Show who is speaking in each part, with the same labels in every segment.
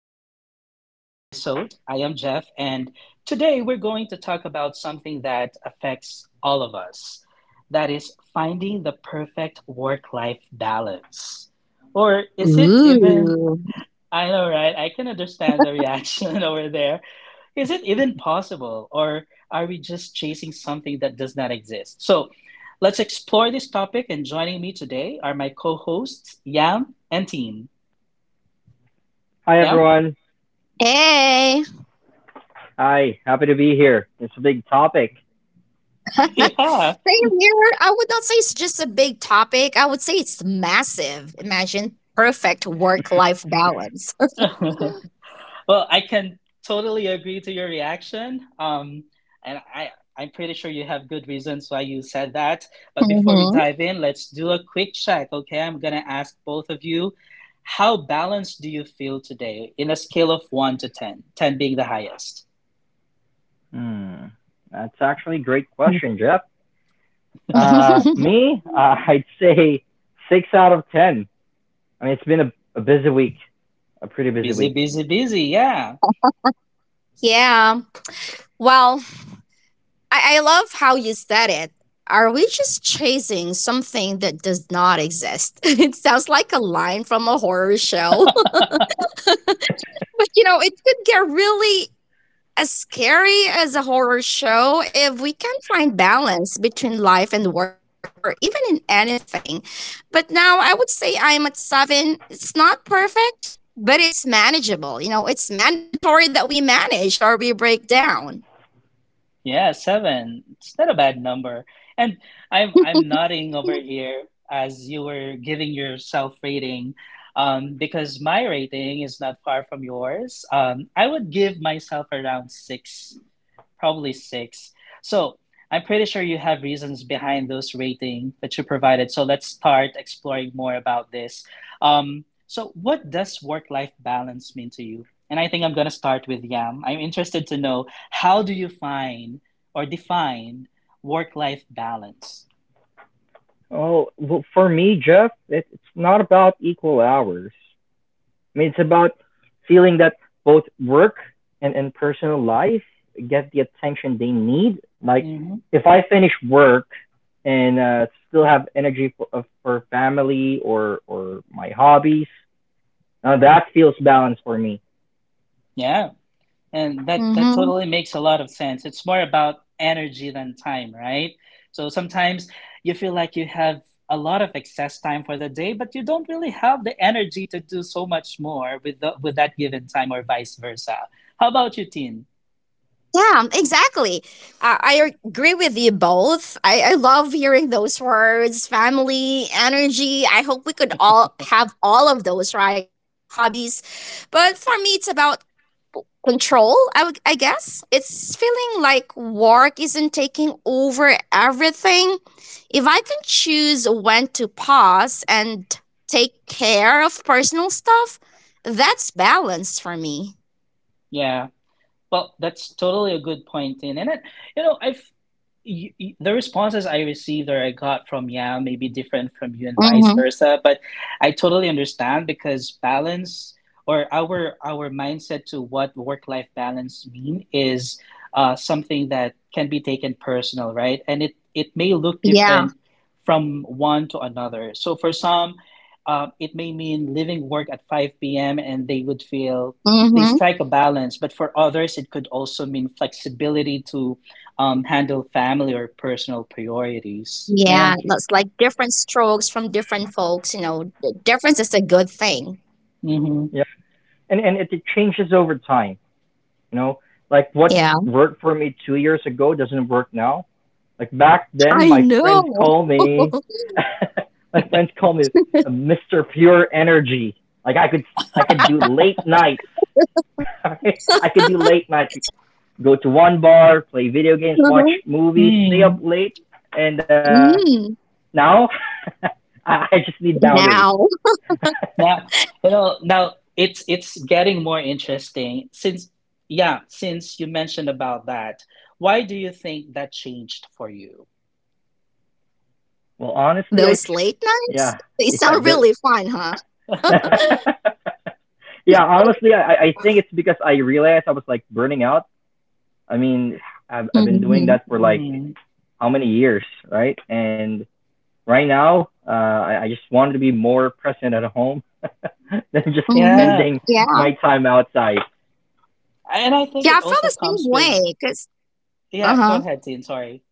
Speaker 1: welcome to today's episode. I am Jeff, and today we're going to talk about something that affects all of us that is, finding the perfect work life balance. Or is it even,
Speaker 2: Ooh.
Speaker 1: I know, right? I can understand the reaction over there. Is it even possible, or are we just chasing something that does not exist? So let's explore this topic, and joining me today are my co hosts, Yam and Teen.
Speaker 3: Hi,
Speaker 1: Yam?
Speaker 3: everyone.
Speaker 2: Hey.
Speaker 3: Hi, happy to be here. It's a big topic.
Speaker 2: Same here. I would not say it's just a big topic. I would say it's massive. Imagine perfect work life balance.
Speaker 1: Yeah. Well, I can totally agree to your reaction. And I'm pretty sure you have good reasons why you said that. But before we
Speaker 2: Mhm.
Speaker 1: dive in, let's do a quick check, okay? I'm gonna ask both of you, how balanced do you feel today in a scale of 1 to 10, 10 being the highest?
Speaker 3: Hmm, that's actually a great question, Jeff. Me, I'd say 6 out of 10. I mean, it's been a busy week, a pretty busy
Speaker 1: Busy,
Speaker 3: week.
Speaker 1: busy, busy, yeah.
Speaker 2: yeah. Well, I love how you said it. Are we just chasing something that does not exist? It sounds like a line from a horror show, but you know, it could get really as scary as a horror show, if we can find balance between life and work or even in anything. But now I would say I'm at seven. It's not perfect, but it's manageable. You know, it's mandatory that we manage or we break down.
Speaker 1: Yeah, seven. It's not a bad number. And I'm nodding over here as you were giving your self rating, because my rating is not far from yours. I would give myself around six. Probably six. So I'm pretty sure you have reasons behind those rating that you provided. So let's start exploring more about this. So what does work-life balance mean to you? And I think I'm gonna start with Yam. I'm interested to know how do you find or define work-life balance?
Speaker 3: Oh, well, for me, Jeff, it's not about equal hours. I mean, it's about feeling that both work and personal life get the attention they need. Like,
Speaker 1: Mm-hmm.
Speaker 3: if I finish work and still have energy for family or my hobbies, now that feels balanced for me.
Speaker 1: Yeah. And that
Speaker 2: Mm-hmm.
Speaker 1: totally makes a lot of sense. It's more about energy than time, right? So sometimes you feel like you have a lot of excess time for the day, but you don't really have the energy to do so much more with that given time, or vice versa. How about you, Tin?
Speaker 2: Yeah, exactly. I agree with you both. I love hearing those words family, energy. I hope we could all have all of those, right? Hobbies. But for me, it's about control. I guess it's feeling like work isn't taking over everything. If I can choose when to pause and take care of personal stuff, that's balanced for me.
Speaker 1: Yeah. Well, that's totally a good point, Tin. And it, you know, I y- y- the responses I received or I got from Yao may be different from you and vice
Speaker 2: Mm-hmm.
Speaker 1: versa, but I totally understand because balance or our mindset to what work-life balance mean is something that can be taken personal, right? And it may look
Speaker 2: Yeah.
Speaker 1: different from one to another. So for some, it may mean leaving work at 5 p.m. and they would feel they
Speaker 2: Mm-hmm.
Speaker 1: strike a balance, but for others, it could also mean flexibility to handle family or personal priorities.
Speaker 2: Yeah,
Speaker 1: Yeah.
Speaker 2: that's like different strokes from different folks. You know, the difference is a good thing.
Speaker 1: Hmm.
Speaker 3: Yeah. And it changes over time, you know, like what
Speaker 2: Yeah,
Speaker 3: worked for me 2 years ago doesn't work now. Like back then,
Speaker 2: I
Speaker 3: my friends
Speaker 2: know.
Speaker 3: call me, my friends call me Mr. Pure Energy. Like I could do late nights. I could do late nights. Go to one bar, play video games, watch
Speaker 2: Mhm.
Speaker 3: movies, stay up
Speaker 1: Mm.
Speaker 3: late. And
Speaker 2: Mm,
Speaker 3: now, I just need boundaries.
Speaker 2: now.
Speaker 1: Now, you know, now it's getting more interesting since, yeah, since you mentioned about that. Why do you think that changed for you?
Speaker 3: Well, honestly, I,
Speaker 2: Those late nights,
Speaker 3: yeah,
Speaker 2: they
Speaker 3: yeah,
Speaker 2: sound
Speaker 3: the,
Speaker 2: really fun, huh?
Speaker 3: yeah. Honestly, I think it's because I realized I was like burning out. I mean, I've been doing
Speaker 2: Mm-hmm.
Speaker 3: that for like
Speaker 1: Mm.
Speaker 3: how many years, right? And right now, I just wanted to be more present at home than just
Speaker 2: Mm-hmm.
Speaker 1: Yeah,
Speaker 3: spending
Speaker 2: Yeah.
Speaker 3: my time outside.
Speaker 1: and I think
Speaker 2: Yeah,
Speaker 1: it
Speaker 2: I feel
Speaker 1: also
Speaker 2: the
Speaker 1: comes
Speaker 2: same
Speaker 1: with,
Speaker 2: way because, uh
Speaker 1: yeah, go
Speaker 2: huh.
Speaker 1: ahead, Dean. Sorry.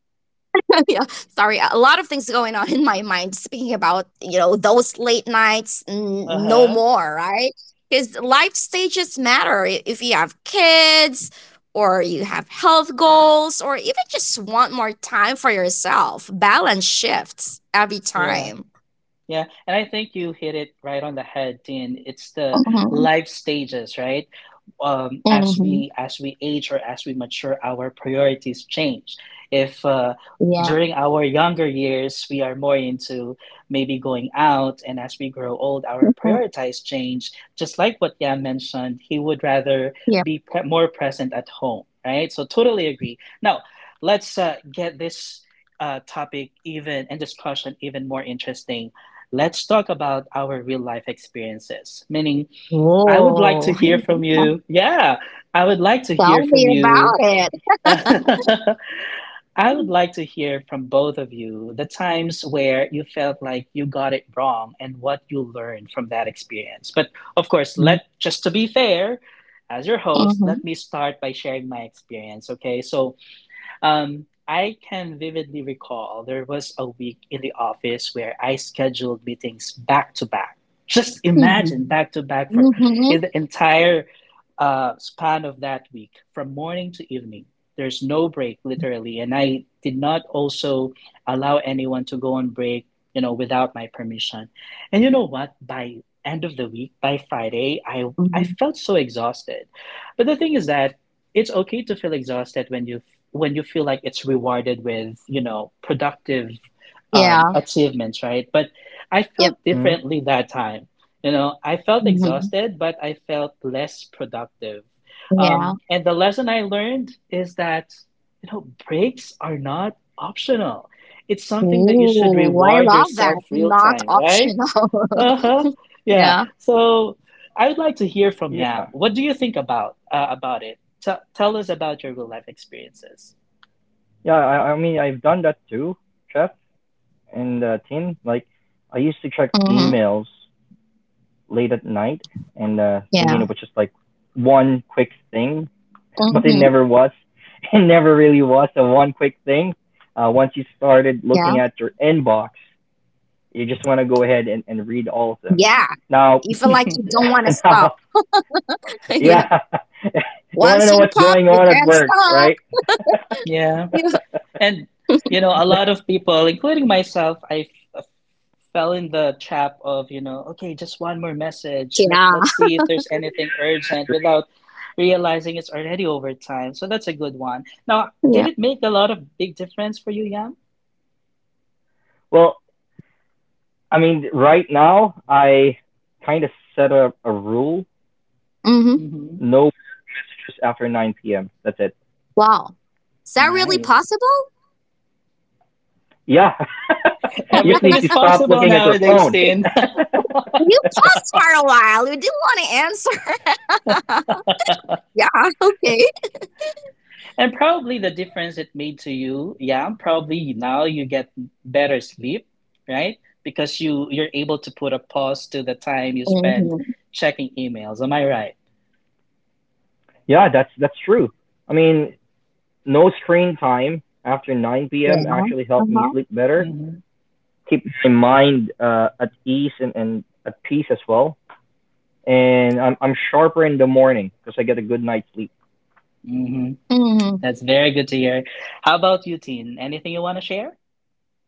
Speaker 2: Yeah. Sorry. A lot of things going on in my mind speaking about, you know, those late nights, no
Speaker 1: Uh-huh.
Speaker 2: more, right? Because life stages matter. If you have kids or you have health goals or even just want more time for yourself, balance shifts every
Speaker 1: Yeah.
Speaker 2: time.
Speaker 1: Yeah. And I think you hit it right on the head, Dean. It's the
Speaker 2: Mm-hmm.
Speaker 1: life stages, right? As
Speaker 2: Mm-hmm.
Speaker 1: we age or as we mature, our priorities change. If during our younger years we are more into maybe going out, and as we grow old, our priorities change. Just like what Yam mentioned, he would
Speaker 2: Yeah.
Speaker 1: rather be more present at home, right? So totally agree. Now let's get this topic even and discussion even more interesting. Let's talk about our real life experiences, meaning I would like
Speaker 2: Oh,
Speaker 1: to hear from you. Yeah, I would like to hear
Speaker 2: tell
Speaker 1: from
Speaker 2: me
Speaker 1: you.
Speaker 2: about it.
Speaker 1: I would like to hear from both of you the times where you felt like you got it wrong and what you learned from that experience. But of course, let
Speaker 2: Mhm,
Speaker 1: just to be fair, as your host, let me
Speaker 2: mhm,
Speaker 1: start by sharing my experience, okay? So, I can vividly recall there was a week in the office where I scheduled meetings back to back. Just imagine
Speaker 2: mhm,
Speaker 1: back to back for in
Speaker 2: mhm,
Speaker 1: the entire span of that week, from morning to evening. There's no break, literally, and I did not also allow anyone to go on break, without my permission. And you know what? By end of the week, by Friday, I
Speaker 2: mhm.
Speaker 1: I felt so exhausted. But the thing is that it's okay to feel exhausted when you feel like it's rewarded with productive
Speaker 2: Yeah.
Speaker 1: achievements, right? But I
Speaker 2: Yep.
Speaker 1: felt
Speaker 3: Hmm.
Speaker 1: differently that time. You know, I felt
Speaker 2: Mhm.
Speaker 1: exhausted, but I felt less productive.
Speaker 2: Yeah.
Speaker 1: And the lesson I learned is that breaks are not optional. It's something that you should
Speaker 2: Ooh, I
Speaker 1: reward
Speaker 2: love that.
Speaker 1: yourself real
Speaker 2: Not
Speaker 1: time, right?
Speaker 2: optional.
Speaker 1: Uh-huh. Yeah,
Speaker 2: Yeah.
Speaker 1: so I would like to hear from
Speaker 3: Yeah,
Speaker 1: Yam. What do you think about it? Tell us about your real life experiences.
Speaker 3: yeah. I mean, I've done that too, Chef and Tim. Like, I used to
Speaker 2: Mhm.
Speaker 3: check emails late at night and
Speaker 2: Yeah.
Speaker 3: thinking it was just like one quick thing,
Speaker 2: Mhm.
Speaker 3: but it never was. It never really was a one quick thing. Once you started
Speaker 2: Yeah.
Speaker 3: looking at your inbox, you just want to go ahead and read all of them.
Speaker 2: Yeah.
Speaker 3: Now,
Speaker 2: You feel like you don't wanna
Speaker 3: now,
Speaker 2: stop.
Speaker 3: yeah,
Speaker 2: Yeah.
Speaker 3: you want to
Speaker 2: Once
Speaker 3: know
Speaker 2: you
Speaker 3: what's
Speaker 2: pop,
Speaker 3: going
Speaker 2: you
Speaker 3: on at
Speaker 2: can't
Speaker 3: work,
Speaker 2: stop.
Speaker 3: right?
Speaker 1: Yeah.
Speaker 2: Yeah.
Speaker 1: And, you know, a lot of people, including myself, I uh, fell in the trap of, okay, just one more message. Let,
Speaker 2: Yeah.
Speaker 1: let's see if there's anything urgent without realizing it's already over time. So that's a good one. Now, did
Speaker 2: Yeah.
Speaker 1: it make a lot of big difference for you, Yam?
Speaker 3: Well, I mean, right now, I kind of set up a rule:
Speaker 2: Mhm.
Speaker 1: Mm-hmm.
Speaker 3: no messages after 9 p.m. That's it.
Speaker 2: Wow. Is that really
Speaker 1: Nice.
Speaker 2: possible?
Speaker 3: Yeah. You just
Speaker 1: Everything
Speaker 3: need
Speaker 1: is
Speaker 3: to stop
Speaker 1: possible
Speaker 3: looking at your
Speaker 1: nowadays,
Speaker 3: phone.
Speaker 1: Tin.
Speaker 2: You paused for a while. You didn't want to answer. Yeah. Okay.
Speaker 1: And probably the difference it made to you, yeah, probably now you get better sleep, right? Because you're able to put a pause to the time you spend
Speaker 2: Hmm.
Speaker 1: checking emails. Am I right?
Speaker 3: Yeah, that's true. I mean, no screen time after 9 p.m.
Speaker 2: Yeah.
Speaker 3: actually helped
Speaker 2: Uh
Speaker 3: me
Speaker 2: huh.
Speaker 3: sleep better,
Speaker 1: Mm-hmm.
Speaker 3: keep my mind at ease and at peace as well. And I'm sharper in the morning because I get a good night's sleep.
Speaker 1: Mm-hmm.
Speaker 2: Hmm.
Speaker 1: That's very good to hear. How about you, Teen? Anything you want to share?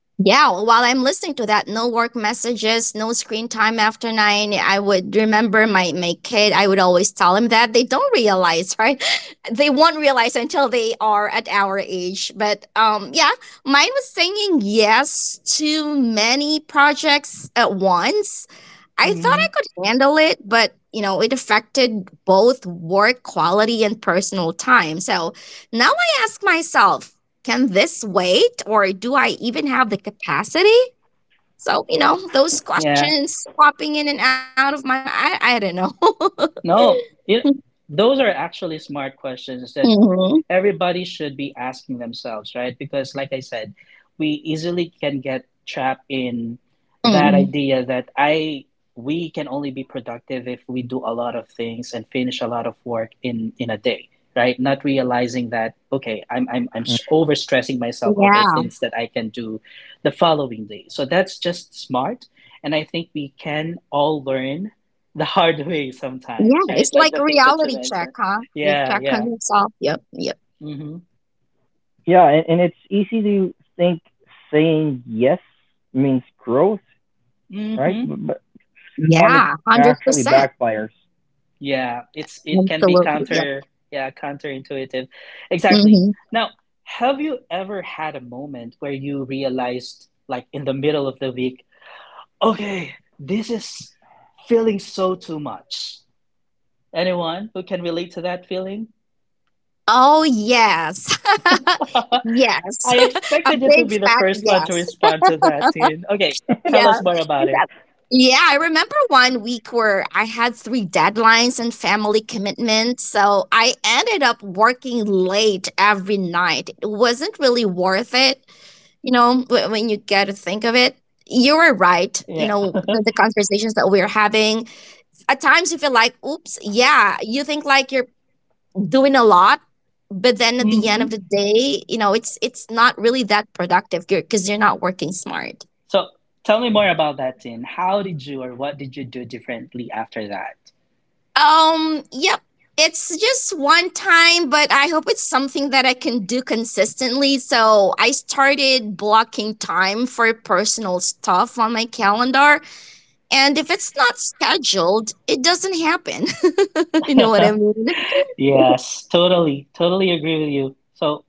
Speaker 2: Yeah. While I'm listening to that, no work messages, no screen time after nine. I would remember my kid. I would always tell him that they don't realize, right? They won't realize until they are at our age. But yeah, mine was saying yes to many projects at once. I thought
Speaker 1: Mm-hmm.
Speaker 2: I could handle it, but you know, it affected both work quality and personal time. So now I ask myself, can this wait or do I even have the capacity? So, you know, those
Speaker 1: Yeah.
Speaker 2: questions popping in and out of my mind, I don't know.
Speaker 1: No, those are actually smart questions that
Speaker 2: Mhm.
Speaker 1: everybody should be asking themselves, right? Because, like I said, we easily can get trapped in that
Speaker 2: Mm.
Speaker 1: idea that I we can only be productive if we do a lot of things and finish a lot of work in a day, right? Not realizing that okay, I'm I'm I'm
Speaker 3: Mm.
Speaker 1: s- overstressing myself over
Speaker 2: Yeah.
Speaker 1: things that I can do the following day. So that's just smart, and I think we can all learn the hard way sometimes,
Speaker 2: Yeah. It's
Speaker 1: right? Like
Speaker 2: like
Speaker 1: the
Speaker 2: a
Speaker 1: things that you
Speaker 2: reality check,
Speaker 1: mentioned.
Speaker 2: huh? You
Speaker 1: Yeah,
Speaker 2: check on
Speaker 1: yeah.
Speaker 2: yourself. Yep. Yep.
Speaker 1: Mm-hmm.
Speaker 3: Yeah, and it's easy to think saying yes means growth, right?
Speaker 1: Mm-hmm.
Speaker 3: But some
Speaker 2: Yeah.
Speaker 3: it actually
Speaker 2: 100%.
Speaker 3: backfires.
Speaker 1: Yeah, it can be
Speaker 2: Absolutely. Yep.
Speaker 1: counterintuitive. Exactly.
Speaker 2: Hmm.
Speaker 1: Now, have you ever had a moment where you realized, like in the middle of the week, okay, this is feeling so too much? Anyone who can relate to that feeling?
Speaker 2: Oh, yes. Yes.
Speaker 1: I
Speaker 2: A
Speaker 1: expected you to
Speaker 2: big
Speaker 1: be the
Speaker 2: fat
Speaker 1: first one to
Speaker 2: yes.
Speaker 1: respond to that, Tin. Okay, tell
Speaker 2: Yeah.
Speaker 1: us more about it.
Speaker 2: Because- Yeah, I remember one week where I had three deadlines and family commitments. So I ended up working late every night. It wasn't really worth it, you know, when you get to think of it. You were right, you
Speaker 1: Yeah.
Speaker 2: know, the conversations that we are having. At times you feel like, oops, yeah, you think like you're doing a lot, but then at the end of
Speaker 1: Mm-hmm.
Speaker 2: the day, you know, it's not really that productive because you're not working smart.
Speaker 1: So tell me more about that, Tin. How did you or what did you do differently after
Speaker 2: Yep. It's just one time, but I hope it's something that I can do consistently. So I started blocking time for personal stuff on my calendar, and if it's not scheduled, it doesn't happen. You know what I
Speaker 1: that?
Speaker 2: mean?
Speaker 1: Yes, totally, totally agree with you. So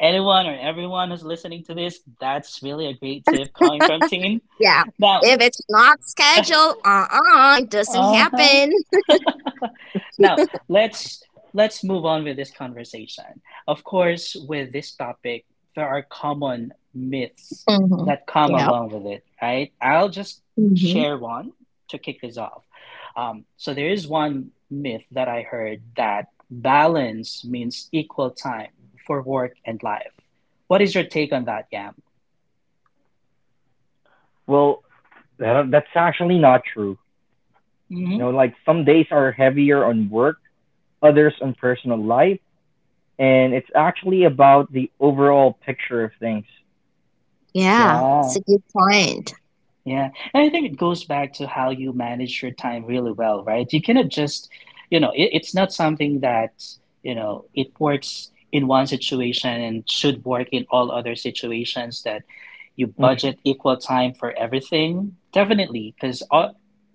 Speaker 1: anyone or everyone who's listening to this, that's really a great tip coming from Tin.
Speaker 2: Yeah,
Speaker 1: Now,
Speaker 2: if it's not scheduled, uh-uh, it doesn't
Speaker 1: Uh-huh.
Speaker 2: happen.
Speaker 1: Now, let's let's move on with this conversation. Of course, with this topic, there are common myths that
Speaker 2: Hmm.
Speaker 1: come
Speaker 2: Yeah.
Speaker 1: along with it, right? I'll just share one to kick this off. So there is one myth that I heard that balance means equal time for work and life. What is your take on that, Yam?
Speaker 3: Well, that's actually not true. You
Speaker 1: Mm-hmm.
Speaker 3: know, like some days are heavier on work, others on personal life, and it's actually about the overall picture of things.
Speaker 2: Yeah,
Speaker 1: Yeah.
Speaker 2: it's a good point.
Speaker 1: Yeah, and I think it goes back to how you manage your time really well, right? You cannot just, it's not something that, it works in one situation and should work in all other situations that you budget equal time for everything. Definitely, because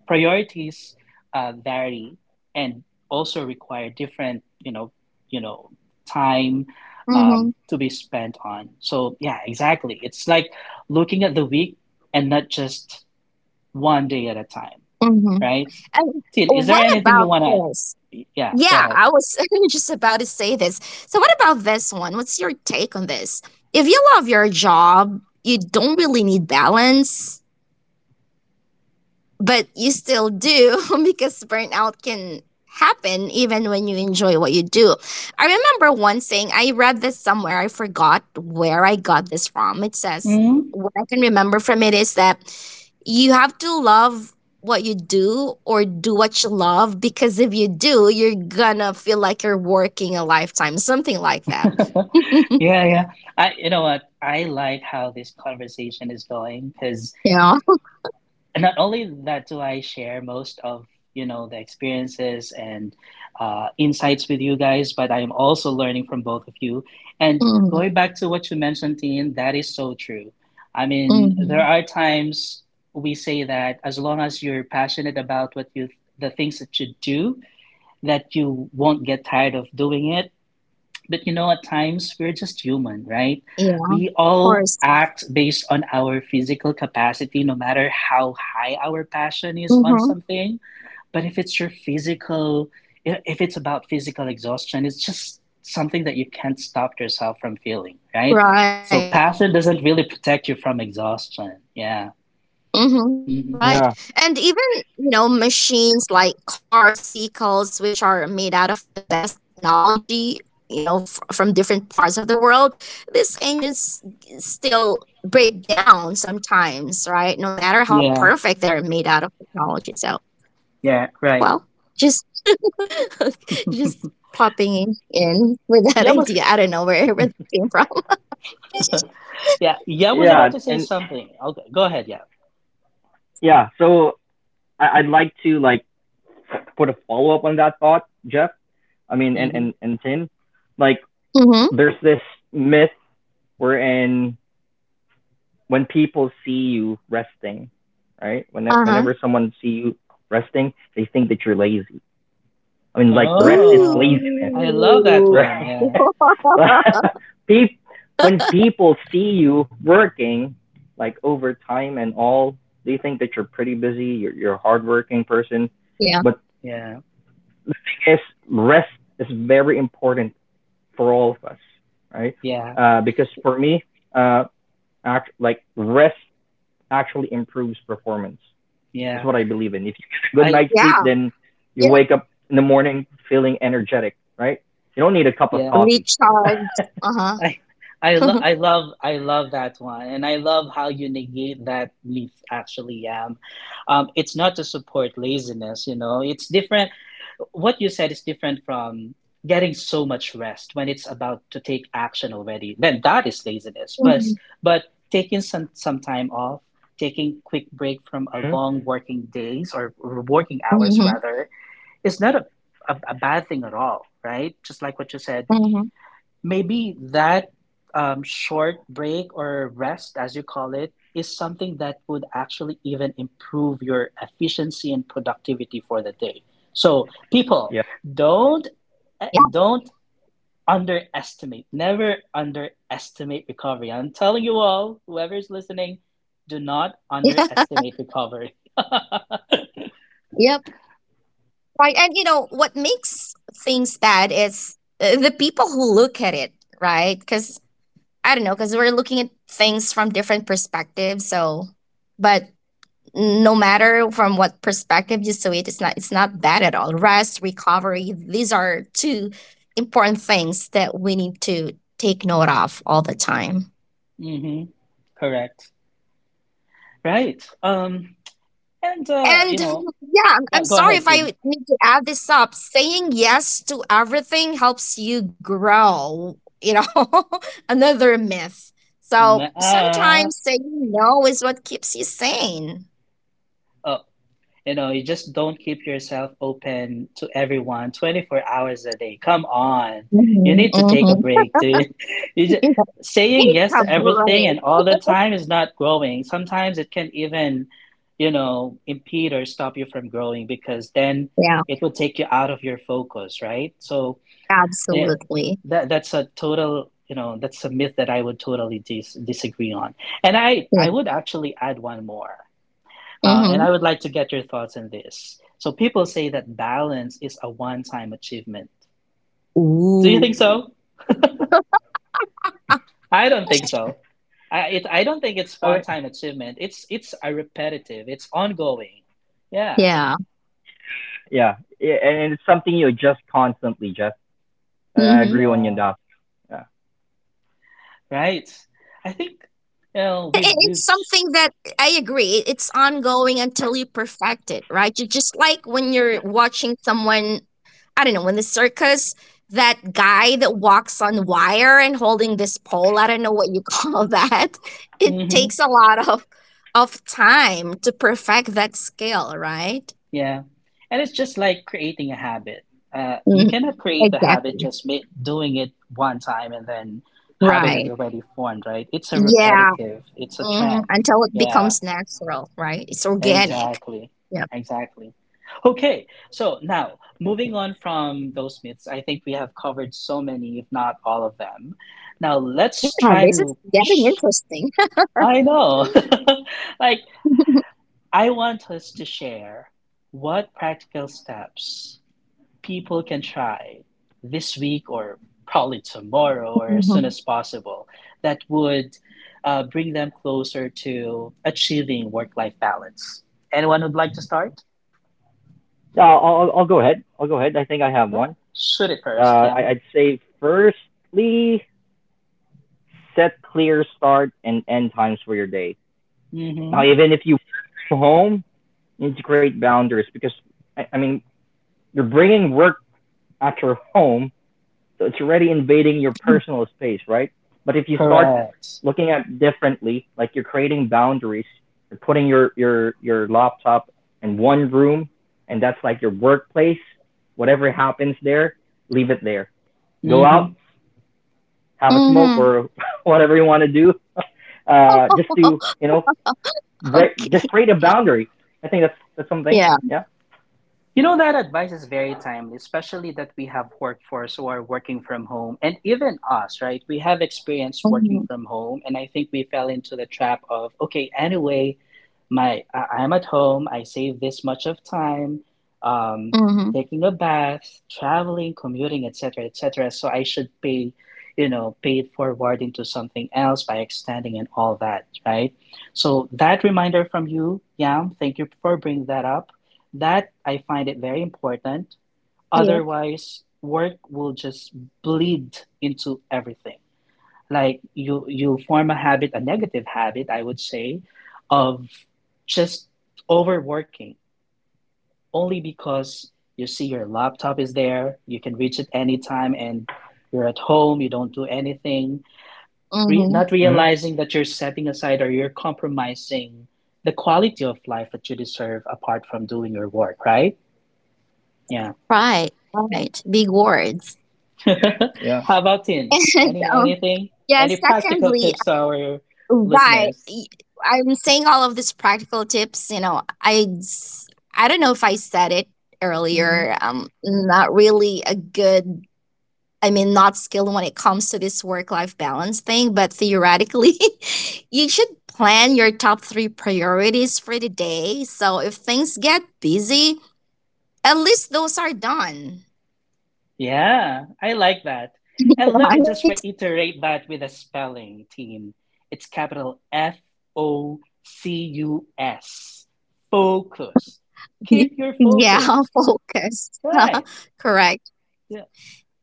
Speaker 1: priorities vary and also require different, you know, time
Speaker 2: Mm-hmm,
Speaker 1: to be spent on. So yeah, exactly. It's like looking at the week and not just one day at a time,
Speaker 2: mm-hmm.
Speaker 1: right?
Speaker 2: And
Speaker 1: Tid, is there
Speaker 2: what
Speaker 1: anything you
Speaker 2: about
Speaker 1: wanna?
Speaker 2: this?
Speaker 1: Yeah, go
Speaker 2: Yeah,
Speaker 1: ahead.
Speaker 2: I was just about to say this. So, what about this one? What's your take on this? If you love your job, you don't really need balance, but you still do because burnout can happen even when you enjoy what you do. I remember one saying, I read this somewhere, I forgot where I got this from. It says,
Speaker 1: Mhm.
Speaker 2: what I can remember from it is that you have to love what you do or do what you love, because if you do, you're gonna feel like you're working a lifetime, something like that.
Speaker 1: Yeah, yeah. You know what? I like how this conversation is going because
Speaker 2: Yeah.
Speaker 1: and not only that do I share most of the experiences and insights with you guys, but I am also learning from both of you. And going back to what you mentioned, Dean, that is so true. I mean,
Speaker 2: Mm-hmm.
Speaker 1: there are times we say that as long as you're passionate about what you the things that you do, that you won't get tired of doing it, but at times we're just human, right?
Speaker 2: Yeah, of
Speaker 1: We all
Speaker 2: course.
Speaker 1: act based on our physical capacity, no matter how high our passion is on
Speaker 2: Mm-hmm.
Speaker 1: something. But if it's about physical exhaustion, it's just something that you can't stop yourself from feeling, right?
Speaker 2: Right.
Speaker 1: So passion doesn't really protect you from exhaustion. Yeah.
Speaker 2: Mm-hmm.
Speaker 1: Hmm.
Speaker 2: Right.
Speaker 3: Yeah.
Speaker 2: And even, you know, machines like cars, vehicles, which are made out of the best technology, you know, from different parts of the world, these engines still break down sometimes, right? No matter how
Speaker 1: Yeah.
Speaker 2: perfect they're made out of technology. So,
Speaker 1: Yeah. Right.
Speaker 2: well, just just popping in with that
Speaker 1: Yeah was
Speaker 2: idea. I don't know where that came from.
Speaker 1: yeah. Yeah was
Speaker 3: Yeah,
Speaker 1: about to say
Speaker 3: and
Speaker 1: something. Okay, go ahead. Yeah.
Speaker 3: yeah, so I'd like to like put a follow up on that thought, Jeff. I mean, and
Speaker 1: Hmm.
Speaker 3: Tim, like
Speaker 2: Mm-hmm.
Speaker 3: there's this myth wherein when people see you resting, right? When
Speaker 2: Uh-huh.
Speaker 3: whenever someone see you resting, they think that you're lazy. I mean, like rest is
Speaker 1: Oh,
Speaker 3: laziness,
Speaker 1: I love that
Speaker 2: Ooh.
Speaker 3: right?
Speaker 1: one. Yeah,
Speaker 2: Mm.
Speaker 3: Well, peop- when people see you working like overtime and all, they think that you're pretty busy, you're a hardworking person.
Speaker 2: Yeah.
Speaker 3: But
Speaker 1: yeah,
Speaker 3: the thing is, rest is very important for all of us, right?
Speaker 1: yeah,
Speaker 3: Because for me, uh, like rest actually improves performance. That's
Speaker 1: yeah.
Speaker 3: what I believe in. If you get a good
Speaker 1: I
Speaker 3: night's
Speaker 2: Yeah,
Speaker 3: sleep, then
Speaker 2: yeah.
Speaker 3: you wake up in the morning feeling energetic, right? You don't need a cup of
Speaker 1: yeah.
Speaker 3: coffee.
Speaker 2: Recharge. Uh-huh.
Speaker 1: I I lo I love I love that one, and I love how you negate that myth actually am. It's not to support laziness. It's different. What you said is different from getting so much rest when it's about to take action already. Then that is laziness. But
Speaker 2: Hmm.
Speaker 1: but taking some time off, taking quick break from a
Speaker 3: Hmm?
Speaker 1: long working days or working hours
Speaker 2: Hmm.
Speaker 1: rather, is not a bad thing at all, right? Just like what you said.
Speaker 2: Hmm.
Speaker 1: Maybe that short break or rest, as you call it, is something that would actually even improve your efficiency and productivity for the day. So, people,
Speaker 3: Yeah.
Speaker 1: don't eh,
Speaker 2: Yeah.
Speaker 1: don't underestimate. Never underestimate recovery. I'm telling you all, whoever's listening, do not underestimate recovery.
Speaker 2: Yep. Right. And you know what makes things bad is the people who look at it, right? Because I don't know, because we're looking at things from different perspectives. So, but no matter from what perspective you see it, it's not bad at all. Rest, recovery, these are two important things that we need to take note of all the time.
Speaker 1: hmm Correct. Right. And you
Speaker 2: And
Speaker 1: know,
Speaker 2: yeah,
Speaker 1: yeah,
Speaker 2: I'm
Speaker 1: go ahead,
Speaker 2: sorry if
Speaker 1: Tin.
Speaker 2: I need to add this up. Saying yes to everything helps you grow, you know, another myth. So
Speaker 1: Nah.
Speaker 2: sometimes saying no is what keeps you sane.
Speaker 1: uh, You know, you just don't keep yourself open to everyone 24 hours a day. Come on. You
Speaker 2: Hmm.
Speaker 1: need to take a
Speaker 2: Hmm.
Speaker 1: break, dude. You just,
Speaker 2: Take
Speaker 1: saying yes
Speaker 2: a
Speaker 1: to everything
Speaker 2: break.
Speaker 1: and all the time is not growing. Sometimes it can even, you know, impede or stop you from growing because then
Speaker 2: Yeah,
Speaker 1: it will take you out of your focus, right? So yeah,
Speaker 2: absolutely.
Speaker 1: that's a total, you know, that's a myth that I would totally disagree on. And I
Speaker 2: Yeah.
Speaker 1: I would actually add one more. And
Speaker 2: Hmm.
Speaker 1: I would like to get your thoughts on this. So people say that balance is a one-time achievement. Do you think
Speaker 2: Ooh.
Speaker 1: so? I don't think so. I it I don't think it's
Speaker 3: I mean,
Speaker 1: one-time achievement. It's a repetitive. It's ongoing. Yeah.
Speaker 2: Yeah.
Speaker 3: yeah. Yeah. And it's something you adjust constantly, Jeff. I
Speaker 2: Mm-hmm.
Speaker 3: agree on you on
Speaker 1: Yeah.
Speaker 3: that. Yeah.
Speaker 1: Right. I think you know we've we've.
Speaker 2: It's something that I agree. It's ongoing until you perfect it, right? You just like when you're watching someone, I don't know, in the circus, that guy that walks on wire and holding this pole, I don't know what you call that. It
Speaker 1: Mhm.
Speaker 2: takes a lot of time to perfect that skill, right?
Speaker 1: Yeah. And it's just like creating a habit. You
Speaker 2: Mhm,
Speaker 1: cannot create a habit
Speaker 2: exactly.
Speaker 1: just doing it one time and then habit is
Speaker 2: Right.
Speaker 1: already formed, right? It's a
Speaker 2: Yeah.
Speaker 1: repetitive, it's a
Speaker 2: Mhm,
Speaker 1: trend.
Speaker 2: until it
Speaker 1: Yeah,
Speaker 2: becomes natural, right? It's organic.
Speaker 1: exactly.
Speaker 2: Yep.
Speaker 1: Exactly. Okay, so now moving on from those myths, I think we have covered so many, if not all of them. Now
Speaker 2: Yeah,
Speaker 1: let's try
Speaker 2: this is
Speaker 1: to.
Speaker 2: getting
Speaker 1: Shh,
Speaker 2: interesting.
Speaker 1: I know. like, I want us to share what practical steps people can try this week or probably tomorrow or as soon as
Speaker 2: Mhm.
Speaker 1: possible that would bring them closer to achieving work life balance. Anyone would like to start?
Speaker 3: Yeah. I'll go ahead. I'll go ahead. I think I have
Speaker 1: Yeah,
Speaker 3: one.
Speaker 1: shoot it
Speaker 3: Uh,
Speaker 1: first, yeah.
Speaker 3: I'd say firstly, set clear start and end times for your day. Now,
Speaker 1: Mm-hmm.
Speaker 3: even if you work from home, integrate boundaries because I mean you're bringing work at your home. So it's already invading your personal space, right? But if you start
Speaker 1: Correct.
Speaker 3: looking at differently, like you're creating boundaries, you're putting your laptop in one room, and that's like your workplace. Whatever happens there, leave it there. Go out,
Speaker 1: Mm-hmm.
Speaker 3: have a
Speaker 2: Mhm.
Speaker 3: smoke or whatever you want to do, just to break, just
Speaker 2: Okay.
Speaker 3: create a boundary. I think that's something.
Speaker 2: Yeah.
Speaker 3: Yeah.
Speaker 1: You know, that advice is very timely, especially that we have workforce who are working from home. And even us, right? We have experience working from
Speaker 2: Mhm.
Speaker 1: home. And I think we fell into the trap of, okay, anyway, my I'm at home, I save this much of time, um,
Speaker 2: Mhm.
Speaker 1: taking a bath, traveling, commuting, etc., etc. So I should pay, you know, pay it forward into something else by extending and all that, right? So that reminder from you, Yam, thank you for bringing that up that I find it very important.
Speaker 2: Yep.
Speaker 1: Otherwise, work will just bleed into everything. Like you form a habit, a negative habit, I would say, of just overworking only because you see your laptop is there, you can reach it anytime, and you're at home, you don't do anything, not
Speaker 2: Mhm.
Speaker 3: Mm-hmm.
Speaker 1: realizing that you're setting aside or you're compromising the quality of life that you deserve apart from doing your work, right? Yeah.
Speaker 2: Right. Right. Big words.
Speaker 3: Yeah.
Speaker 1: How about Tin?
Speaker 2: And
Speaker 1: Any
Speaker 2: um,
Speaker 1: anything?
Speaker 2: yeah,
Speaker 1: Any practical
Speaker 2: secondly,
Speaker 1: tips to our
Speaker 2: why
Speaker 1: listeners?
Speaker 2: y- I'm saying all of these practical tips, you know, I don't know if I said it
Speaker 1: Hmm
Speaker 2: earlier. I'm not really a good, I mean, not skilled when it comes to this work life balance thing, but theoretically, you should plan your top three priorities for the day. So if things get busy, at least those are done.
Speaker 1: Yeah, I like that. And let me just
Speaker 2: Right?
Speaker 1: reiterate that with a spelling, Tin. It's capital FOCUS. Focus. Keep your
Speaker 2: Yeah,
Speaker 1: focus.
Speaker 2: focused.
Speaker 1: Right.
Speaker 2: Correct.
Speaker 1: Yeah.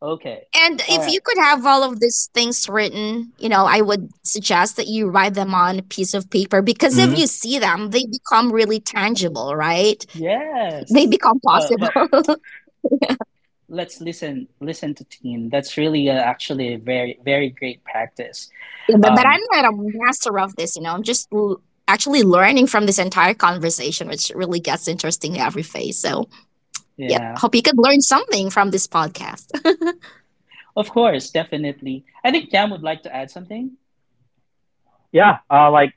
Speaker 1: Okay.
Speaker 2: And
Speaker 1: All
Speaker 2: if you
Speaker 1: right.
Speaker 2: could have all of these things written, you know, I would suggest that you write them on a piece of paper, because if
Speaker 3: Mm-hmm.
Speaker 2: you see them, they become really tangible, right? They
Speaker 1: Yes.
Speaker 2: become
Speaker 1: Well,
Speaker 2: possible.
Speaker 1: let's listen to Tin. That's really actually a very great practice.
Speaker 2: Yeah, but I'm
Speaker 1: Um,
Speaker 2: not a master of this, you know. Actually learning from this entire conversation, which really gets interesting in every phase. So, yeah,
Speaker 1: Yeah,
Speaker 2: hope you could learn something from this podcast.
Speaker 1: of course, definitely. I think Cam would like to add something.
Speaker 3: Yeah. Like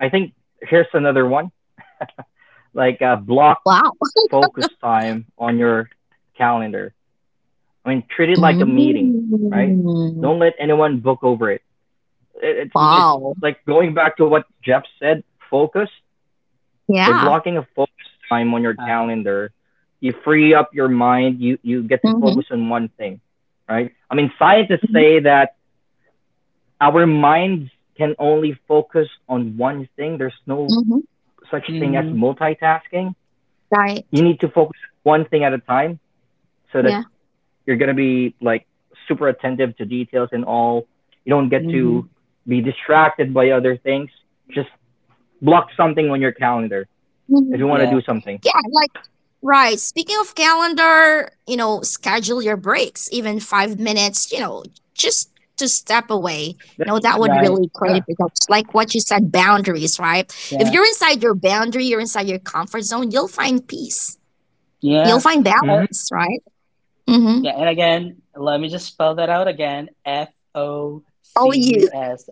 Speaker 3: I think here's another one. Like a block
Speaker 2: Wow.
Speaker 3: focus time on your calendar. I mean, treat it like a meeting, right?
Speaker 2: Mm.
Speaker 3: Don't let anyone book over it. It- It's
Speaker 1: Even
Speaker 3: it's
Speaker 2: Wow.
Speaker 3: like going back to what Jeff said. Focus by
Speaker 2: Yeah.
Speaker 3: blocking a focus time on your
Speaker 1: right.
Speaker 3: calendar. You free up your mind. You get to focus
Speaker 2: Mm-hmm.
Speaker 3: on one thing, right? I mean, scientists
Speaker 2: Mm-hmm.
Speaker 3: say that our minds can only focus on one thing. There's no
Speaker 2: Hmm.
Speaker 3: such thing as
Speaker 1: Mm-hmm.
Speaker 3: multitasking. You need
Speaker 2: Right.
Speaker 3: to focus one thing at a time so that
Speaker 2: Yeah.
Speaker 3: you're gonna be like super attentive to details and all. You don't get
Speaker 1: Mm-hmm.
Speaker 3: to be distracted by other things. Just block something on your calendar
Speaker 2: Hmm.
Speaker 3: if you want to do
Speaker 1: Yeah.
Speaker 3: something.
Speaker 2: Yeah. Right. Speaking of calendar, you know, schedule your breaks, even 5 minutes, you know, just to step
Speaker 3: Yeah,
Speaker 2: away.
Speaker 3: that's
Speaker 2: You know, that would
Speaker 1: Right.
Speaker 2: really create a
Speaker 3: yeah.
Speaker 2: pickups. Like what you said, boundaries, right? If
Speaker 1: Yeah.
Speaker 2: you're inside your boundary, you're inside your comfort zone, you'll find peace. You'll
Speaker 1: Yeah.
Speaker 2: find
Speaker 1: Uh,
Speaker 3: Mhm.
Speaker 2: balance, right? Mm-hmm.
Speaker 1: yeah. And again, let me just spell that out again. F O
Speaker 2: O
Speaker 1: C
Speaker 2: U
Speaker 1: U S.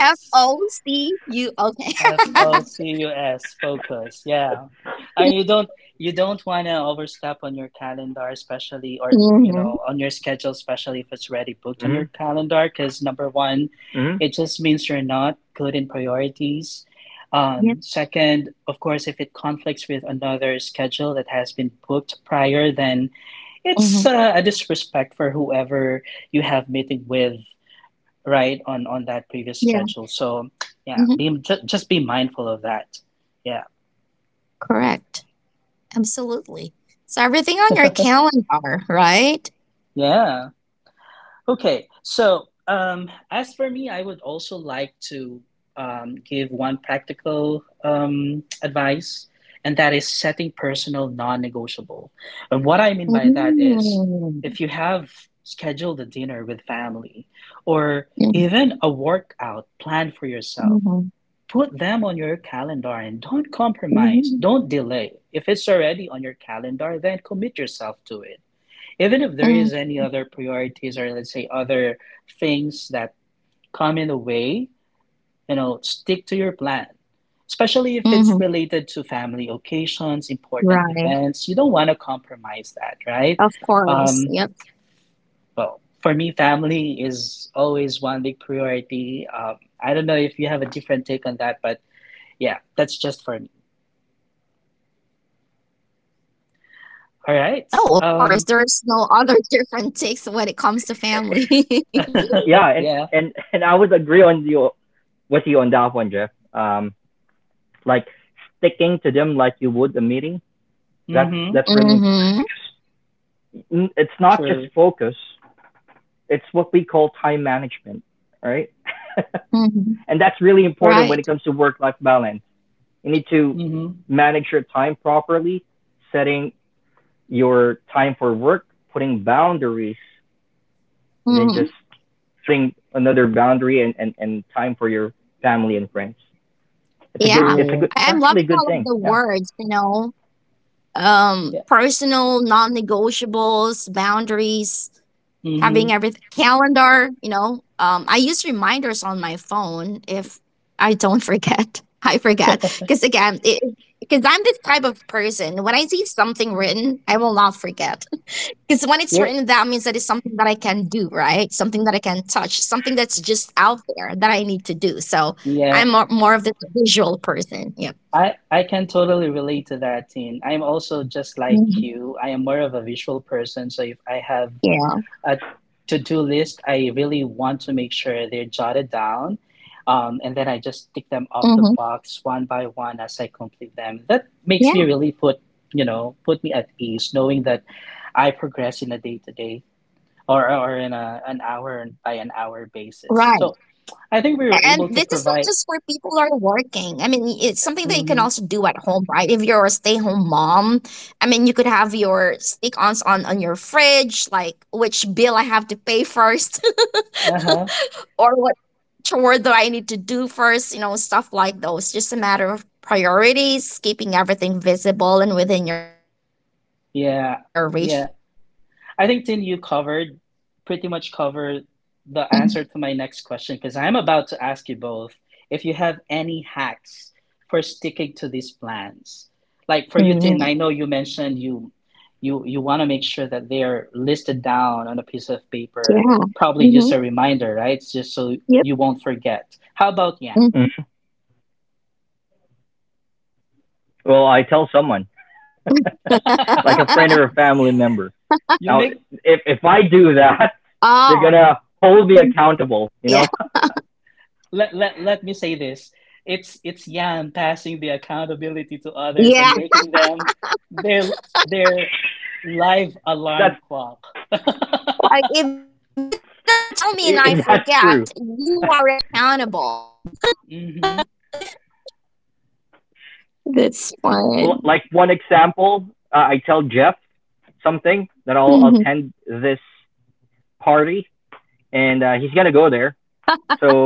Speaker 2: F O C U. Okay.
Speaker 1: F O C U S, focus. Yeah. And you don't want to overstep on your calendar, especially or
Speaker 2: Mm-hmm.
Speaker 1: you know on your schedule, especially if it's already booked on
Speaker 3: Mhm.
Speaker 1: your calendar. Because number one,
Speaker 3: Mhm.
Speaker 1: it just means you're not good in priorities.
Speaker 2: Yep.
Speaker 1: Second, of course, if it conflicts with another schedule that has been booked prior, then
Speaker 2: Mm-hmm.
Speaker 1: it's a disrespect for whoever you have meeting with right on that previous
Speaker 2: Yeah.
Speaker 1: schedule. So yeah,
Speaker 2: Mm-hmm.
Speaker 1: just be mindful of that. Yeah.
Speaker 2: Correct. Absolutely. So everything on your calendar, right?
Speaker 1: Yeah. Okay, so um, as for me, I would also like to give one practical advice, and that is setting personal non-negotiable. And what I mean by that
Speaker 2: Mm.
Speaker 1: is, if you have scheduled a dinner with family or
Speaker 2: Mm.
Speaker 1: even a workout planned for yourself,
Speaker 2: Mhm.
Speaker 1: put them on your calendar and don't compromise.
Speaker 2: Mhm.
Speaker 1: Don't delay. If it's already on your calendar, then commit yourself to it. Even if there is
Speaker 2: Mm.
Speaker 1: any other priorities or let's say other things that come in the way, you know, stick to your plan. Especially if it's
Speaker 2: Mhm.
Speaker 1: related to family occasions, important
Speaker 2: Right.
Speaker 1: events, you don't want to compromise that, right?
Speaker 2: Of
Speaker 1: Um,
Speaker 2: course. Yep.
Speaker 1: well, for me, family is always one big priority. I don't know if you have a different take on that, but yeah, that's just for me. All right.
Speaker 2: Oh, of course.
Speaker 1: Um,
Speaker 2: There's no other different takes when it comes to family.
Speaker 3: Yeah,
Speaker 1: yeah.
Speaker 3: and I would agree on you with you on that one, Jeff. Like sticking to them like you would a meeting. That's
Speaker 1: Mm-hmm.
Speaker 3: that's really important.
Speaker 2: Mm-hmm.
Speaker 3: Because it's not just
Speaker 1: True.
Speaker 3: focus. It's what we call time management, right?
Speaker 2: Mm-hmm.
Speaker 3: And that's really important when
Speaker 2: Right.
Speaker 3: it comes to work life balance. You need to
Speaker 1: Mm-hmm.
Speaker 3: manage your time properly, setting your time for work, putting boundaries, and then
Speaker 2: Mm-hmm.
Speaker 3: just setting another boundary and time for your family and friends. It's a good,
Speaker 2: Yeah.
Speaker 3: it's a good,
Speaker 1: True.
Speaker 3: it's
Speaker 2: I'm loving
Speaker 3: actually a good
Speaker 2: all of
Speaker 3: thing.
Speaker 2: the
Speaker 3: Yeah.
Speaker 2: words, you know,
Speaker 1: Yeah.
Speaker 2: personal, non negotiables, boundaries,
Speaker 1: Mm-hmm.
Speaker 2: having everything calendar. You know, I use reminders on my phone if I don't forget. I forget because again, because I'm this type of person, when I see something written I will not forget. Because when it's
Speaker 1: Yeah.
Speaker 2: written, that means that it's something that I can do, right, something that I can touch, something that's just out there that I need to do. So
Speaker 1: Yeah.
Speaker 2: I'm more of this visual person. Yep.
Speaker 1: I can totally relate to that, Tin. I'm also just like
Speaker 2: Mhm.
Speaker 1: you. I am more of a visual person, so if I have
Speaker 2: Yeah.
Speaker 1: a to-do list, I really want to make sure they're jotted down. And then I just
Speaker 2: Hmm.
Speaker 1: tick them off the box one by one as I complete them. That
Speaker 2: Yeah.
Speaker 1: makes me really put, you know, put me at ease knowing that I progress in a day-to-day or in a an hour and by an hour basis.
Speaker 2: Right.
Speaker 1: So I think we were
Speaker 2: And
Speaker 1: able to
Speaker 2: this is not
Speaker 1: provide.
Speaker 2: just for people who are working. I mean, it's something that you can
Speaker 1: Hmm
Speaker 2: also do at home, right? If you're a stay-home mom, I mean, you could have your stick-ons on your fridge, like which bill I have to pay first,
Speaker 1: Uh huh.
Speaker 2: or what chore do I need to do first, you know, stuff like those. Just a matter of priorities, keeping everything visible and within your reach. I think that would help.
Speaker 1: Yeah. Yeah. I think Tin, you covered pretty much covered the answer to my next question, because I'm about to ask you both if you have any hacks for sticking to these plans. Like for you, Tin, I
Speaker 2: Mhm.
Speaker 1: know you mentioned you want to make sure that they are listed down on a piece of
Speaker 2: Yeah.
Speaker 1: paper. Probably
Speaker 2: Mm-hmm.
Speaker 1: use a reminder, right? It's just so
Speaker 2: Yep.
Speaker 1: you won't forget. How about Yam?
Speaker 3: Mm. Well, I tell someone, like a friend or a family member.
Speaker 1: You
Speaker 3: Now,
Speaker 1: make
Speaker 3: if I do that, they're
Speaker 2: Oh.
Speaker 3: gonna hold me accountable. You
Speaker 2: Yeah.
Speaker 3: know,
Speaker 1: let me say this. It's Yan passing the accountability to others
Speaker 2: Yeah.
Speaker 1: and making them their their live alarm
Speaker 3: that's
Speaker 1: clock.
Speaker 2: Like, if you don't tell me and I forget,
Speaker 3: if that's
Speaker 2: you
Speaker 3: true.
Speaker 2: are accountable.
Speaker 1: Hmm
Speaker 2: That's fine.
Speaker 3: Well, like one example, I tell Jeff something
Speaker 2: Mhm.
Speaker 3: that I'll attend this party, and he's gonna go there.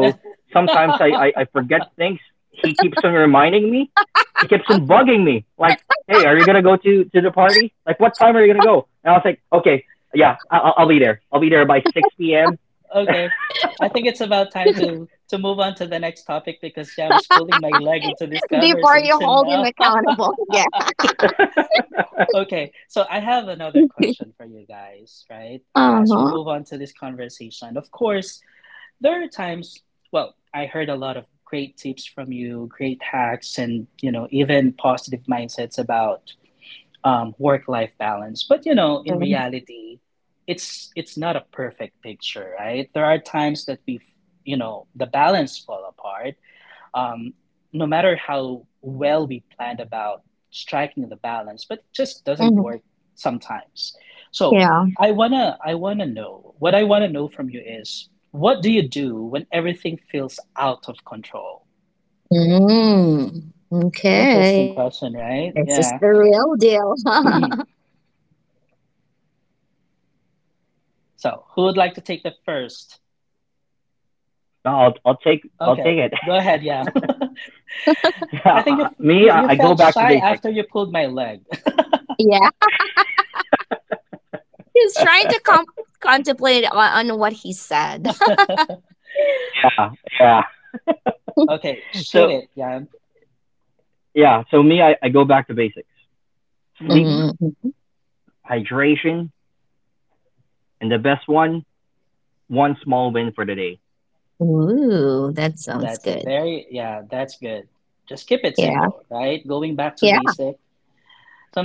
Speaker 3: sometimes I forget things. He keeps on reminding me.
Speaker 2: Okay.
Speaker 3: He keeps on bugging me. Like, hey, are you gonna go to the party? Like, what time are you gonna go? And I was like, okay, yeah, I- will I'll be there. I'll be there by 6 p.m.
Speaker 1: Okay. I think it's about time to move on to the next topic because Yam is pulling my leg into this
Speaker 2: Before you
Speaker 1: conversation
Speaker 2: hold him
Speaker 1: now.
Speaker 2: accountable. Yeah.
Speaker 1: Okay, so I have another question for you guys,
Speaker 2: Uh
Speaker 1: right?
Speaker 2: huh.
Speaker 1: As we move on to this conversation, of course, there are times, well, I heard a lot of great tips from you, great hacks, and you know, even positive mindsets about work life balance. But you know, in reality, it's not a perfect picture, right? There are times that we, you know, the balance fall apart, um, no matter how well we planned about striking the balance, but just doesn't work
Speaker 2: Hmm.
Speaker 1: sometimes. So I
Speaker 2: Yeah.
Speaker 1: wanna I wanna know what I wanna know from you is, what do you do when everything feels out of control?
Speaker 2: Mm.
Speaker 1: Interesting
Speaker 2: Okay.
Speaker 1: question, right?
Speaker 2: This is
Speaker 1: Yeah.
Speaker 2: the real deal.
Speaker 1: So who would like to take the first?
Speaker 3: No, I'll
Speaker 1: Okay,
Speaker 3: take it.
Speaker 1: go ahead. Yeah, I think
Speaker 3: Yeah, me,
Speaker 1: you
Speaker 3: I go
Speaker 1: felt
Speaker 3: back to
Speaker 1: shy
Speaker 3: basics.
Speaker 1: after you pulled my leg.
Speaker 2: Yeah. He's trying to
Speaker 3: Yeah,
Speaker 2: com- contemplate on what he said.
Speaker 3: yeah.
Speaker 1: Okay, shoot
Speaker 3: So
Speaker 1: it, Yam.
Speaker 3: yeah, so me, I go back to basics: sleep,
Speaker 2: Mm.
Speaker 3: hydration, and the best one, one small win for the day.
Speaker 2: Ooh, that sounds
Speaker 1: That's a
Speaker 2: good.
Speaker 1: very, yeah, that's good. Just keep it
Speaker 2: Yeah.
Speaker 1: simple, right? Going back to
Speaker 2: Yeah.
Speaker 1: basic.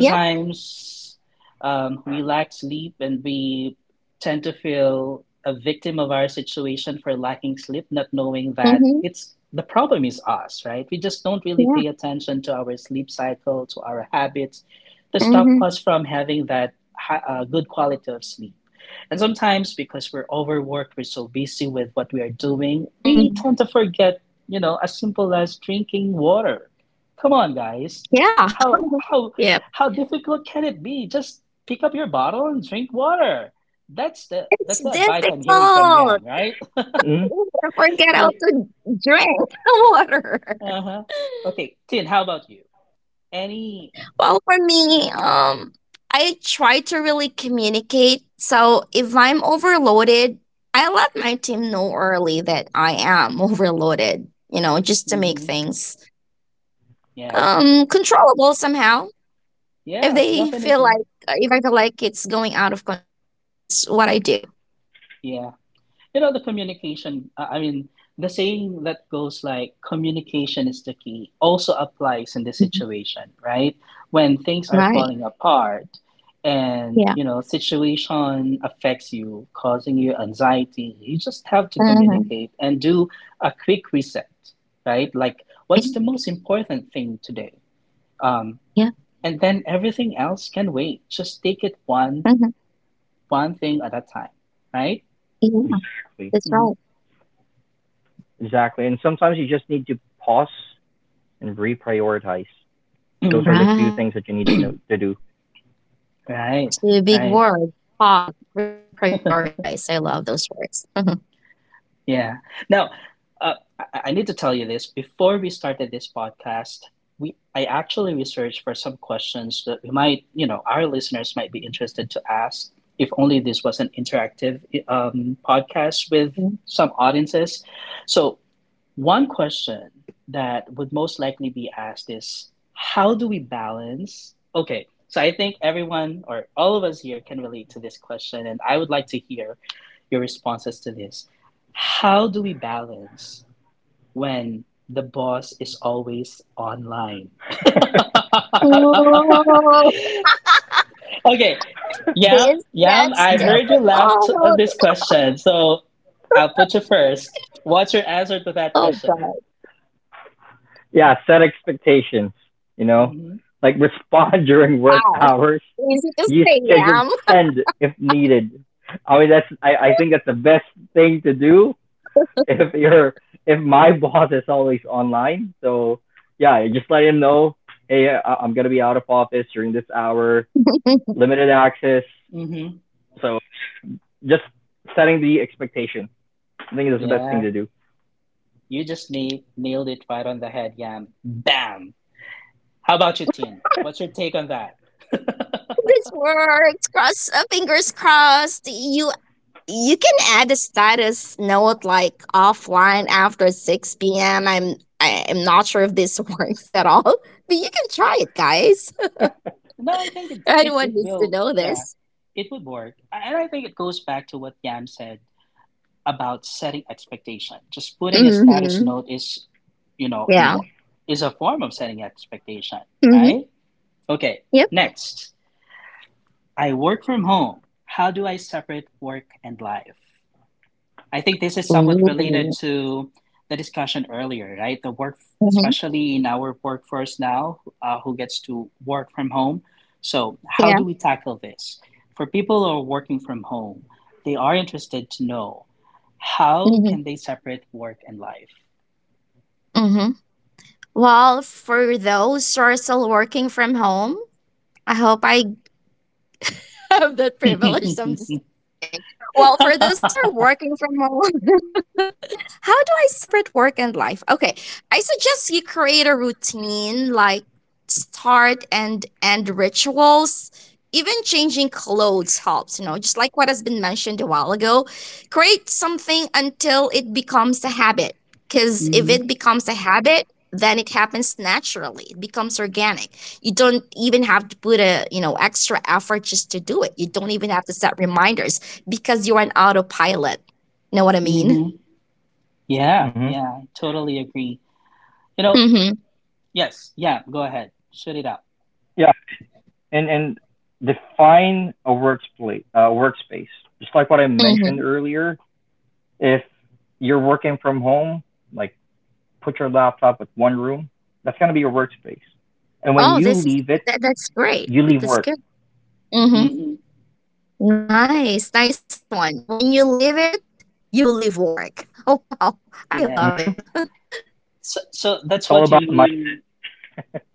Speaker 2: Yep.
Speaker 1: we lack sleep and we tend to feel a victim of our situation for lacking sleep, not knowing that
Speaker 2: Hmm.
Speaker 1: it's the problem is us, right? We just don't really
Speaker 2: Yeah.
Speaker 1: pay attention to our sleep cycle, to our habits, to stop
Speaker 2: Hmm.
Speaker 1: us from having that good quality of sleep. And sometimes because we're overworked, we're so busy with what we are doing, we tend to forget, you know, as simple as drinking water. Come on, guys.
Speaker 2: Yeah.
Speaker 1: How
Speaker 2: Yeah.
Speaker 1: how how difficult can it be? Just pick up your bottle and drink water.
Speaker 2: It's
Speaker 1: That's the advice I'm hearing from
Speaker 2: difficult.
Speaker 1: Yam, right?
Speaker 3: Mhm.
Speaker 2: You forget get out to drink water.
Speaker 1: uh-huh. Okay, Tin, how about you? Any?
Speaker 2: Well, for me, I try to really communicate. So if I'm overloaded, I let my team know early that I am overloaded, you know, just to make
Speaker 1: Hmm
Speaker 2: things
Speaker 1: Yeah,
Speaker 2: controllable somehow. If
Speaker 1: yeah,
Speaker 2: they feel
Speaker 1: definitely.
Speaker 2: like uh, if I feel like it's going out of control, so that's what I do.
Speaker 1: Yeah. You know, the communication, I mean, the saying that goes like communication is the key also applies in this
Speaker 2: Mhm.
Speaker 1: situation, right? When things are
Speaker 2: Right.
Speaker 1: falling apart and
Speaker 2: Yeah.
Speaker 1: you know situation affects you causing you anxiety, you just have to
Speaker 2: Mhm.
Speaker 1: communicate and do a quick reset, right? Like, what's the most important thing today? Um,
Speaker 2: Yeah.
Speaker 1: and then everything else can wait. Just take it
Speaker 2: Yeah.
Speaker 1: one thing at a time, right?
Speaker 2: Yeah,
Speaker 3: Exactly,
Speaker 2: that's right.
Speaker 3: exactly. And sometimes you just need to pause and reprioritize. Those are
Speaker 1: hmm
Speaker 3: the two things that you
Speaker 2: Right.
Speaker 3: need to know to do.
Speaker 1: Right,
Speaker 2: Two big
Speaker 1: right.
Speaker 2: words. Pause. Reprioritize. I love those words.
Speaker 1: Yeah. Now, I need to tell you this. Before we started this podcast, we I actually researched for some questions that we might, you know, our listeners might be interested to ask. If only this was an interactive podcast with
Speaker 2: Mhm.
Speaker 1: some audiences. So, one question that would most likely be asked is, how do we balance? Okay, so I think everyone or all of us here can relate to this question, and I would like to hear your responses to this. How do we balance when the boss is always online?
Speaker 2: Oh,
Speaker 1: Okay,
Speaker 2: this
Speaker 1: Yam,
Speaker 2: gets
Speaker 1: I heard you laughed
Speaker 2: difficult.
Speaker 1: at this question, so I'll put you first. What's your answer to that
Speaker 2: Oh
Speaker 1: question?
Speaker 2: God.
Speaker 3: Yeah, set expectations. You know,
Speaker 1: Mm-hmm.
Speaker 3: like respond during work
Speaker 2: Wow.
Speaker 3: hours.
Speaker 2: Easy to
Speaker 3: Use
Speaker 2: say,
Speaker 3: scheduled
Speaker 2: Yam.
Speaker 3: send if needed. I mean, I think that's the best thing to do if you're if my boss is always online. So yeah, just let him know. Hey, I am gonna be out of office during this hour. Limited access.
Speaker 1: Mm-hmm.
Speaker 3: So just setting the expectation. I think is the best thing
Speaker 1: Yeah,
Speaker 3: to do.
Speaker 1: you just nailed it right on the head, Yam. Bam. How about you, Tin? What's your take on that?
Speaker 2: This works. Cross fingers crossed. You can add a status note like offline after 6 p.m. I'm not sure if this works at all, but you can try it, guys.
Speaker 1: No, I think
Speaker 2: Anyone
Speaker 1: it
Speaker 2: needs to
Speaker 1: will.
Speaker 2: know
Speaker 1: Yeah,
Speaker 2: this.
Speaker 1: it would work, and I think it goes back to what Yam said about setting expectation. Just putting a status
Speaker 2: Mhm.
Speaker 1: note is, you know, in
Speaker 2: Yeah.
Speaker 1: what is a form of setting expectation,
Speaker 2: Mhm.
Speaker 1: right? Okay.
Speaker 2: Yep.
Speaker 1: Next, I work from home. How do I separate work and life? I think this is somewhat related
Speaker 2: Ooh.
Speaker 1: to the discussion earlier, right? The work,
Speaker 2: Mhm.
Speaker 1: especially in our workforce now, who gets to work from home. So, how do
Speaker 2: Yeah.
Speaker 1: we tackle this? For people who are working from home, they are interested to know how
Speaker 2: Mhm.
Speaker 1: can they separate work and life.
Speaker 2: Mhm. Well, for those who are still working from home, I hope I have that privilege. So I'm just kidding. Well, for those who are working from home, how do I separate work and life? Okay, I suggest you create a routine like start and end rituals. Even changing clothes helps, you know, just like what has been mentioned a while ago. Create something until it becomes a habit. Because if
Speaker 1: hmm
Speaker 2: it becomes a habit, then it happens naturally. It becomes organic. You don't even have to put a, you know, extra effort just to do it. You don't even have to set reminders because you're an autopilot. Know what I mean?
Speaker 1: hmm Yeah,
Speaker 3: Mm-hmm.
Speaker 1: yeah, totally agree. You know, yes, yeah, go ahead, shoot it out.
Speaker 3: Yeah, and define a workspace. Workspace, just like what I mentioned
Speaker 2: Mhm.
Speaker 3: earlier. If you're working from home, like put your laptop with one room. That's gonna be your workspace. And when
Speaker 2: Oh,
Speaker 3: you
Speaker 2: this is
Speaker 3: leave it,
Speaker 2: that's great.
Speaker 3: you leave
Speaker 2: That's
Speaker 3: work.
Speaker 2: good. Hmm.
Speaker 1: Hmm
Speaker 2: Nice, nice one. When you leave it, you leave work. Wow, I love it.
Speaker 1: Yeah.
Speaker 3: Mm.
Speaker 1: So that's
Speaker 3: It's all
Speaker 1: what you
Speaker 3: about my.
Speaker 1: mean.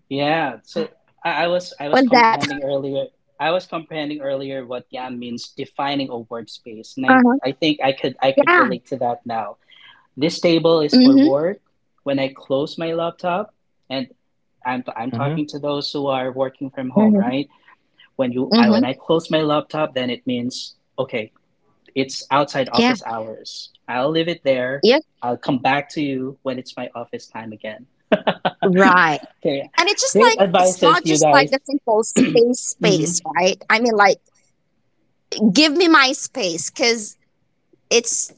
Speaker 1: Yeah, so I, I was I
Speaker 2: Was
Speaker 1: was
Speaker 2: that?
Speaker 1: comprehending earlier. I was comprehending earlier what YAM means defining a work space, and I,
Speaker 2: Uh-huh.
Speaker 1: I think I could
Speaker 2: Yeah.
Speaker 1: relate to that now. This table is for
Speaker 2: Hmm.
Speaker 1: work. When I close my laptop, and I'm
Speaker 3: Mm-hmm.
Speaker 1: talking to those who are working from home,
Speaker 2: Hmm.
Speaker 1: right? When you I
Speaker 2: Hmm.
Speaker 1: when I close my laptop, then it means okay, it's outside
Speaker 2: Yeah.
Speaker 1: office hours. I'll leave it there.
Speaker 2: Yep.
Speaker 1: I'll come back to you when it's my office time again.
Speaker 2: Right.
Speaker 1: Okay,
Speaker 2: And it's just like,
Speaker 1: great
Speaker 2: it's not
Speaker 1: advices, you
Speaker 2: just like
Speaker 1: guys.
Speaker 2: the simple space,
Speaker 1: Mm-hmm.
Speaker 2: right? I mean, like give me my space, because it's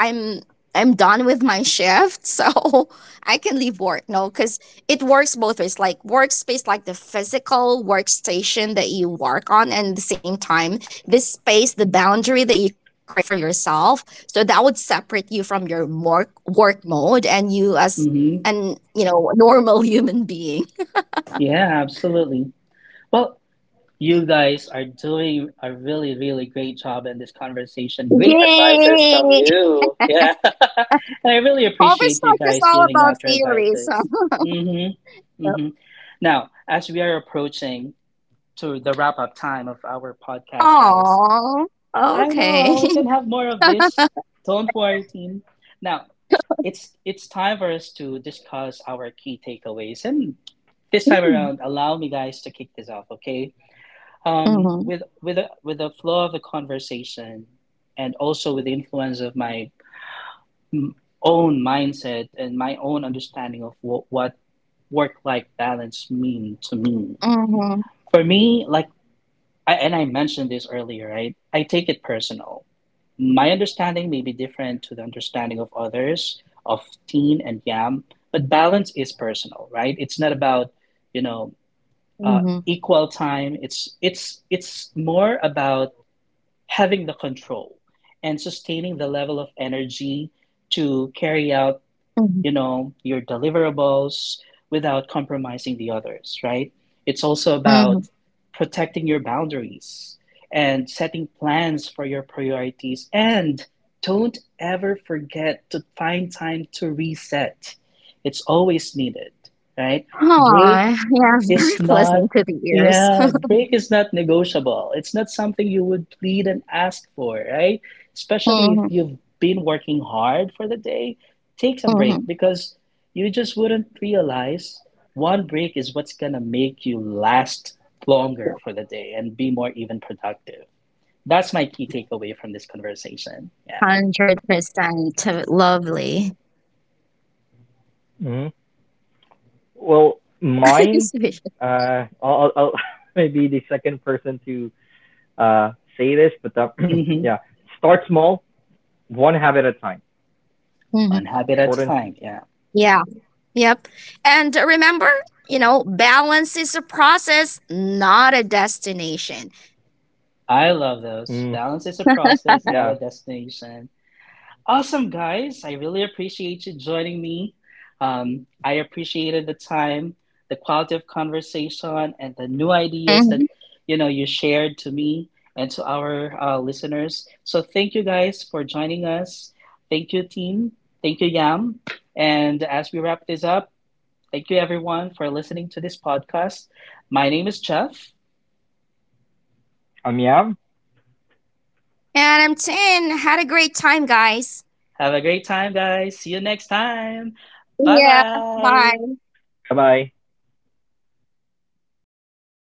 Speaker 2: I- am I'm done with my shift, so I can leave work. No, because it works both ways. Like workspace, like the physical workstation that you work on, and at the same time, this space, the boundary that you create for yourself. So that would separate you from your work mode and you as
Speaker 1: Mm-hmm.
Speaker 2: an, you know, a normal human being.
Speaker 1: Yeah, absolutely. Well, you guys are doing a really, really great job in this conversation. Great
Speaker 2: Yay!
Speaker 1: advices from you. Yeah. And I really appreciate you
Speaker 2: Overstock is
Speaker 1: guys
Speaker 2: all
Speaker 1: giving
Speaker 2: about
Speaker 1: out your
Speaker 2: theories.
Speaker 1: advices. Mm-hmm.
Speaker 2: So.
Speaker 1: Mm-hmm. Now, as we are approaching to the wrap up time of our podcast, guys,
Speaker 2: Aww.
Speaker 1: I
Speaker 2: Okay.
Speaker 1: know we can have more of this. Don't worry, team. Now, it's time for us to discuss our key takeaways, and this time around allow me guys to kick this off, okay, um
Speaker 2: Mhm,
Speaker 1: with with a with the flow of the conversation and also with the influence of my own mindset and my own understanding of what work life balance mean to me,
Speaker 2: mhm,
Speaker 1: for me like I mentioned this earlier, right? I take it personal. My understanding may be different to the understanding of others, of Teen and Yam, but balance is personal, right? It's not about, you know, uh,
Speaker 2: mhm,
Speaker 1: equal time. It's more about having the control and sustaining the level of energy to carry out,
Speaker 2: mhm,
Speaker 1: you know, your deliverables without compromising the others, right? It's also
Speaker 2: mhm.
Speaker 1: about protecting your boundaries and setting plans for your priorities. And don't ever forget to find time to reset. It's always needed, right? Break
Speaker 2: Aw, yeah,
Speaker 1: is
Speaker 2: very
Speaker 1: not,
Speaker 2: pleasant to the ears.
Speaker 1: yeah, break is not negotiable. It's not something you would plead and ask for, right? Especially if
Speaker 2: Mhm,
Speaker 1: you've been working hard for the day, take some break,
Speaker 2: mhm.
Speaker 1: because you just wouldn't realize one break is what's gonna make you last longer for the day and be more even productive. That's my key takeaway from this conversation. Yeah.
Speaker 2: 100% lovely.
Speaker 3: Mm-hmm. Well, mine. I'll maybe the second person to uh say this, but
Speaker 1: Mm-hmm.
Speaker 3: yeah, start small, one habit at a time,
Speaker 2: Mhm.
Speaker 1: One habit at
Speaker 3: short
Speaker 1: a
Speaker 3: and.
Speaker 1: time. Yeah.
Speaker 2: Yeah, yep. And remember, you know, balance is a process, not a destination.
Speaker 1: I love those.
Speaker 3: s-
Speaker 1: Balance is a process, not a
Speaker 3: Yeah.
Speaker 1: destination. Awesome, guys. I really appreciate you joining me. I appreciated the time, the quality of conversation, and the new ideas that
Speaker 2: Mhm.
Speaker 1: you know you shared to me and to our listeners. So thank you guys for joining us. Thank you, team. Thank you, Yam. And as we wrap this up, thank you everyone for listening to this podcast. My name is Jeff.
Speaker 3: I'm Yav.
Speaker 2: And I'm 10. Had a great time, guys.
Speaker 1: Have a great time, guys. See you next time. Bye
Speaker 2: Yeah,
Speaker 1: bye.
Speaker 2: bye.
Speaker 3: Bye bye.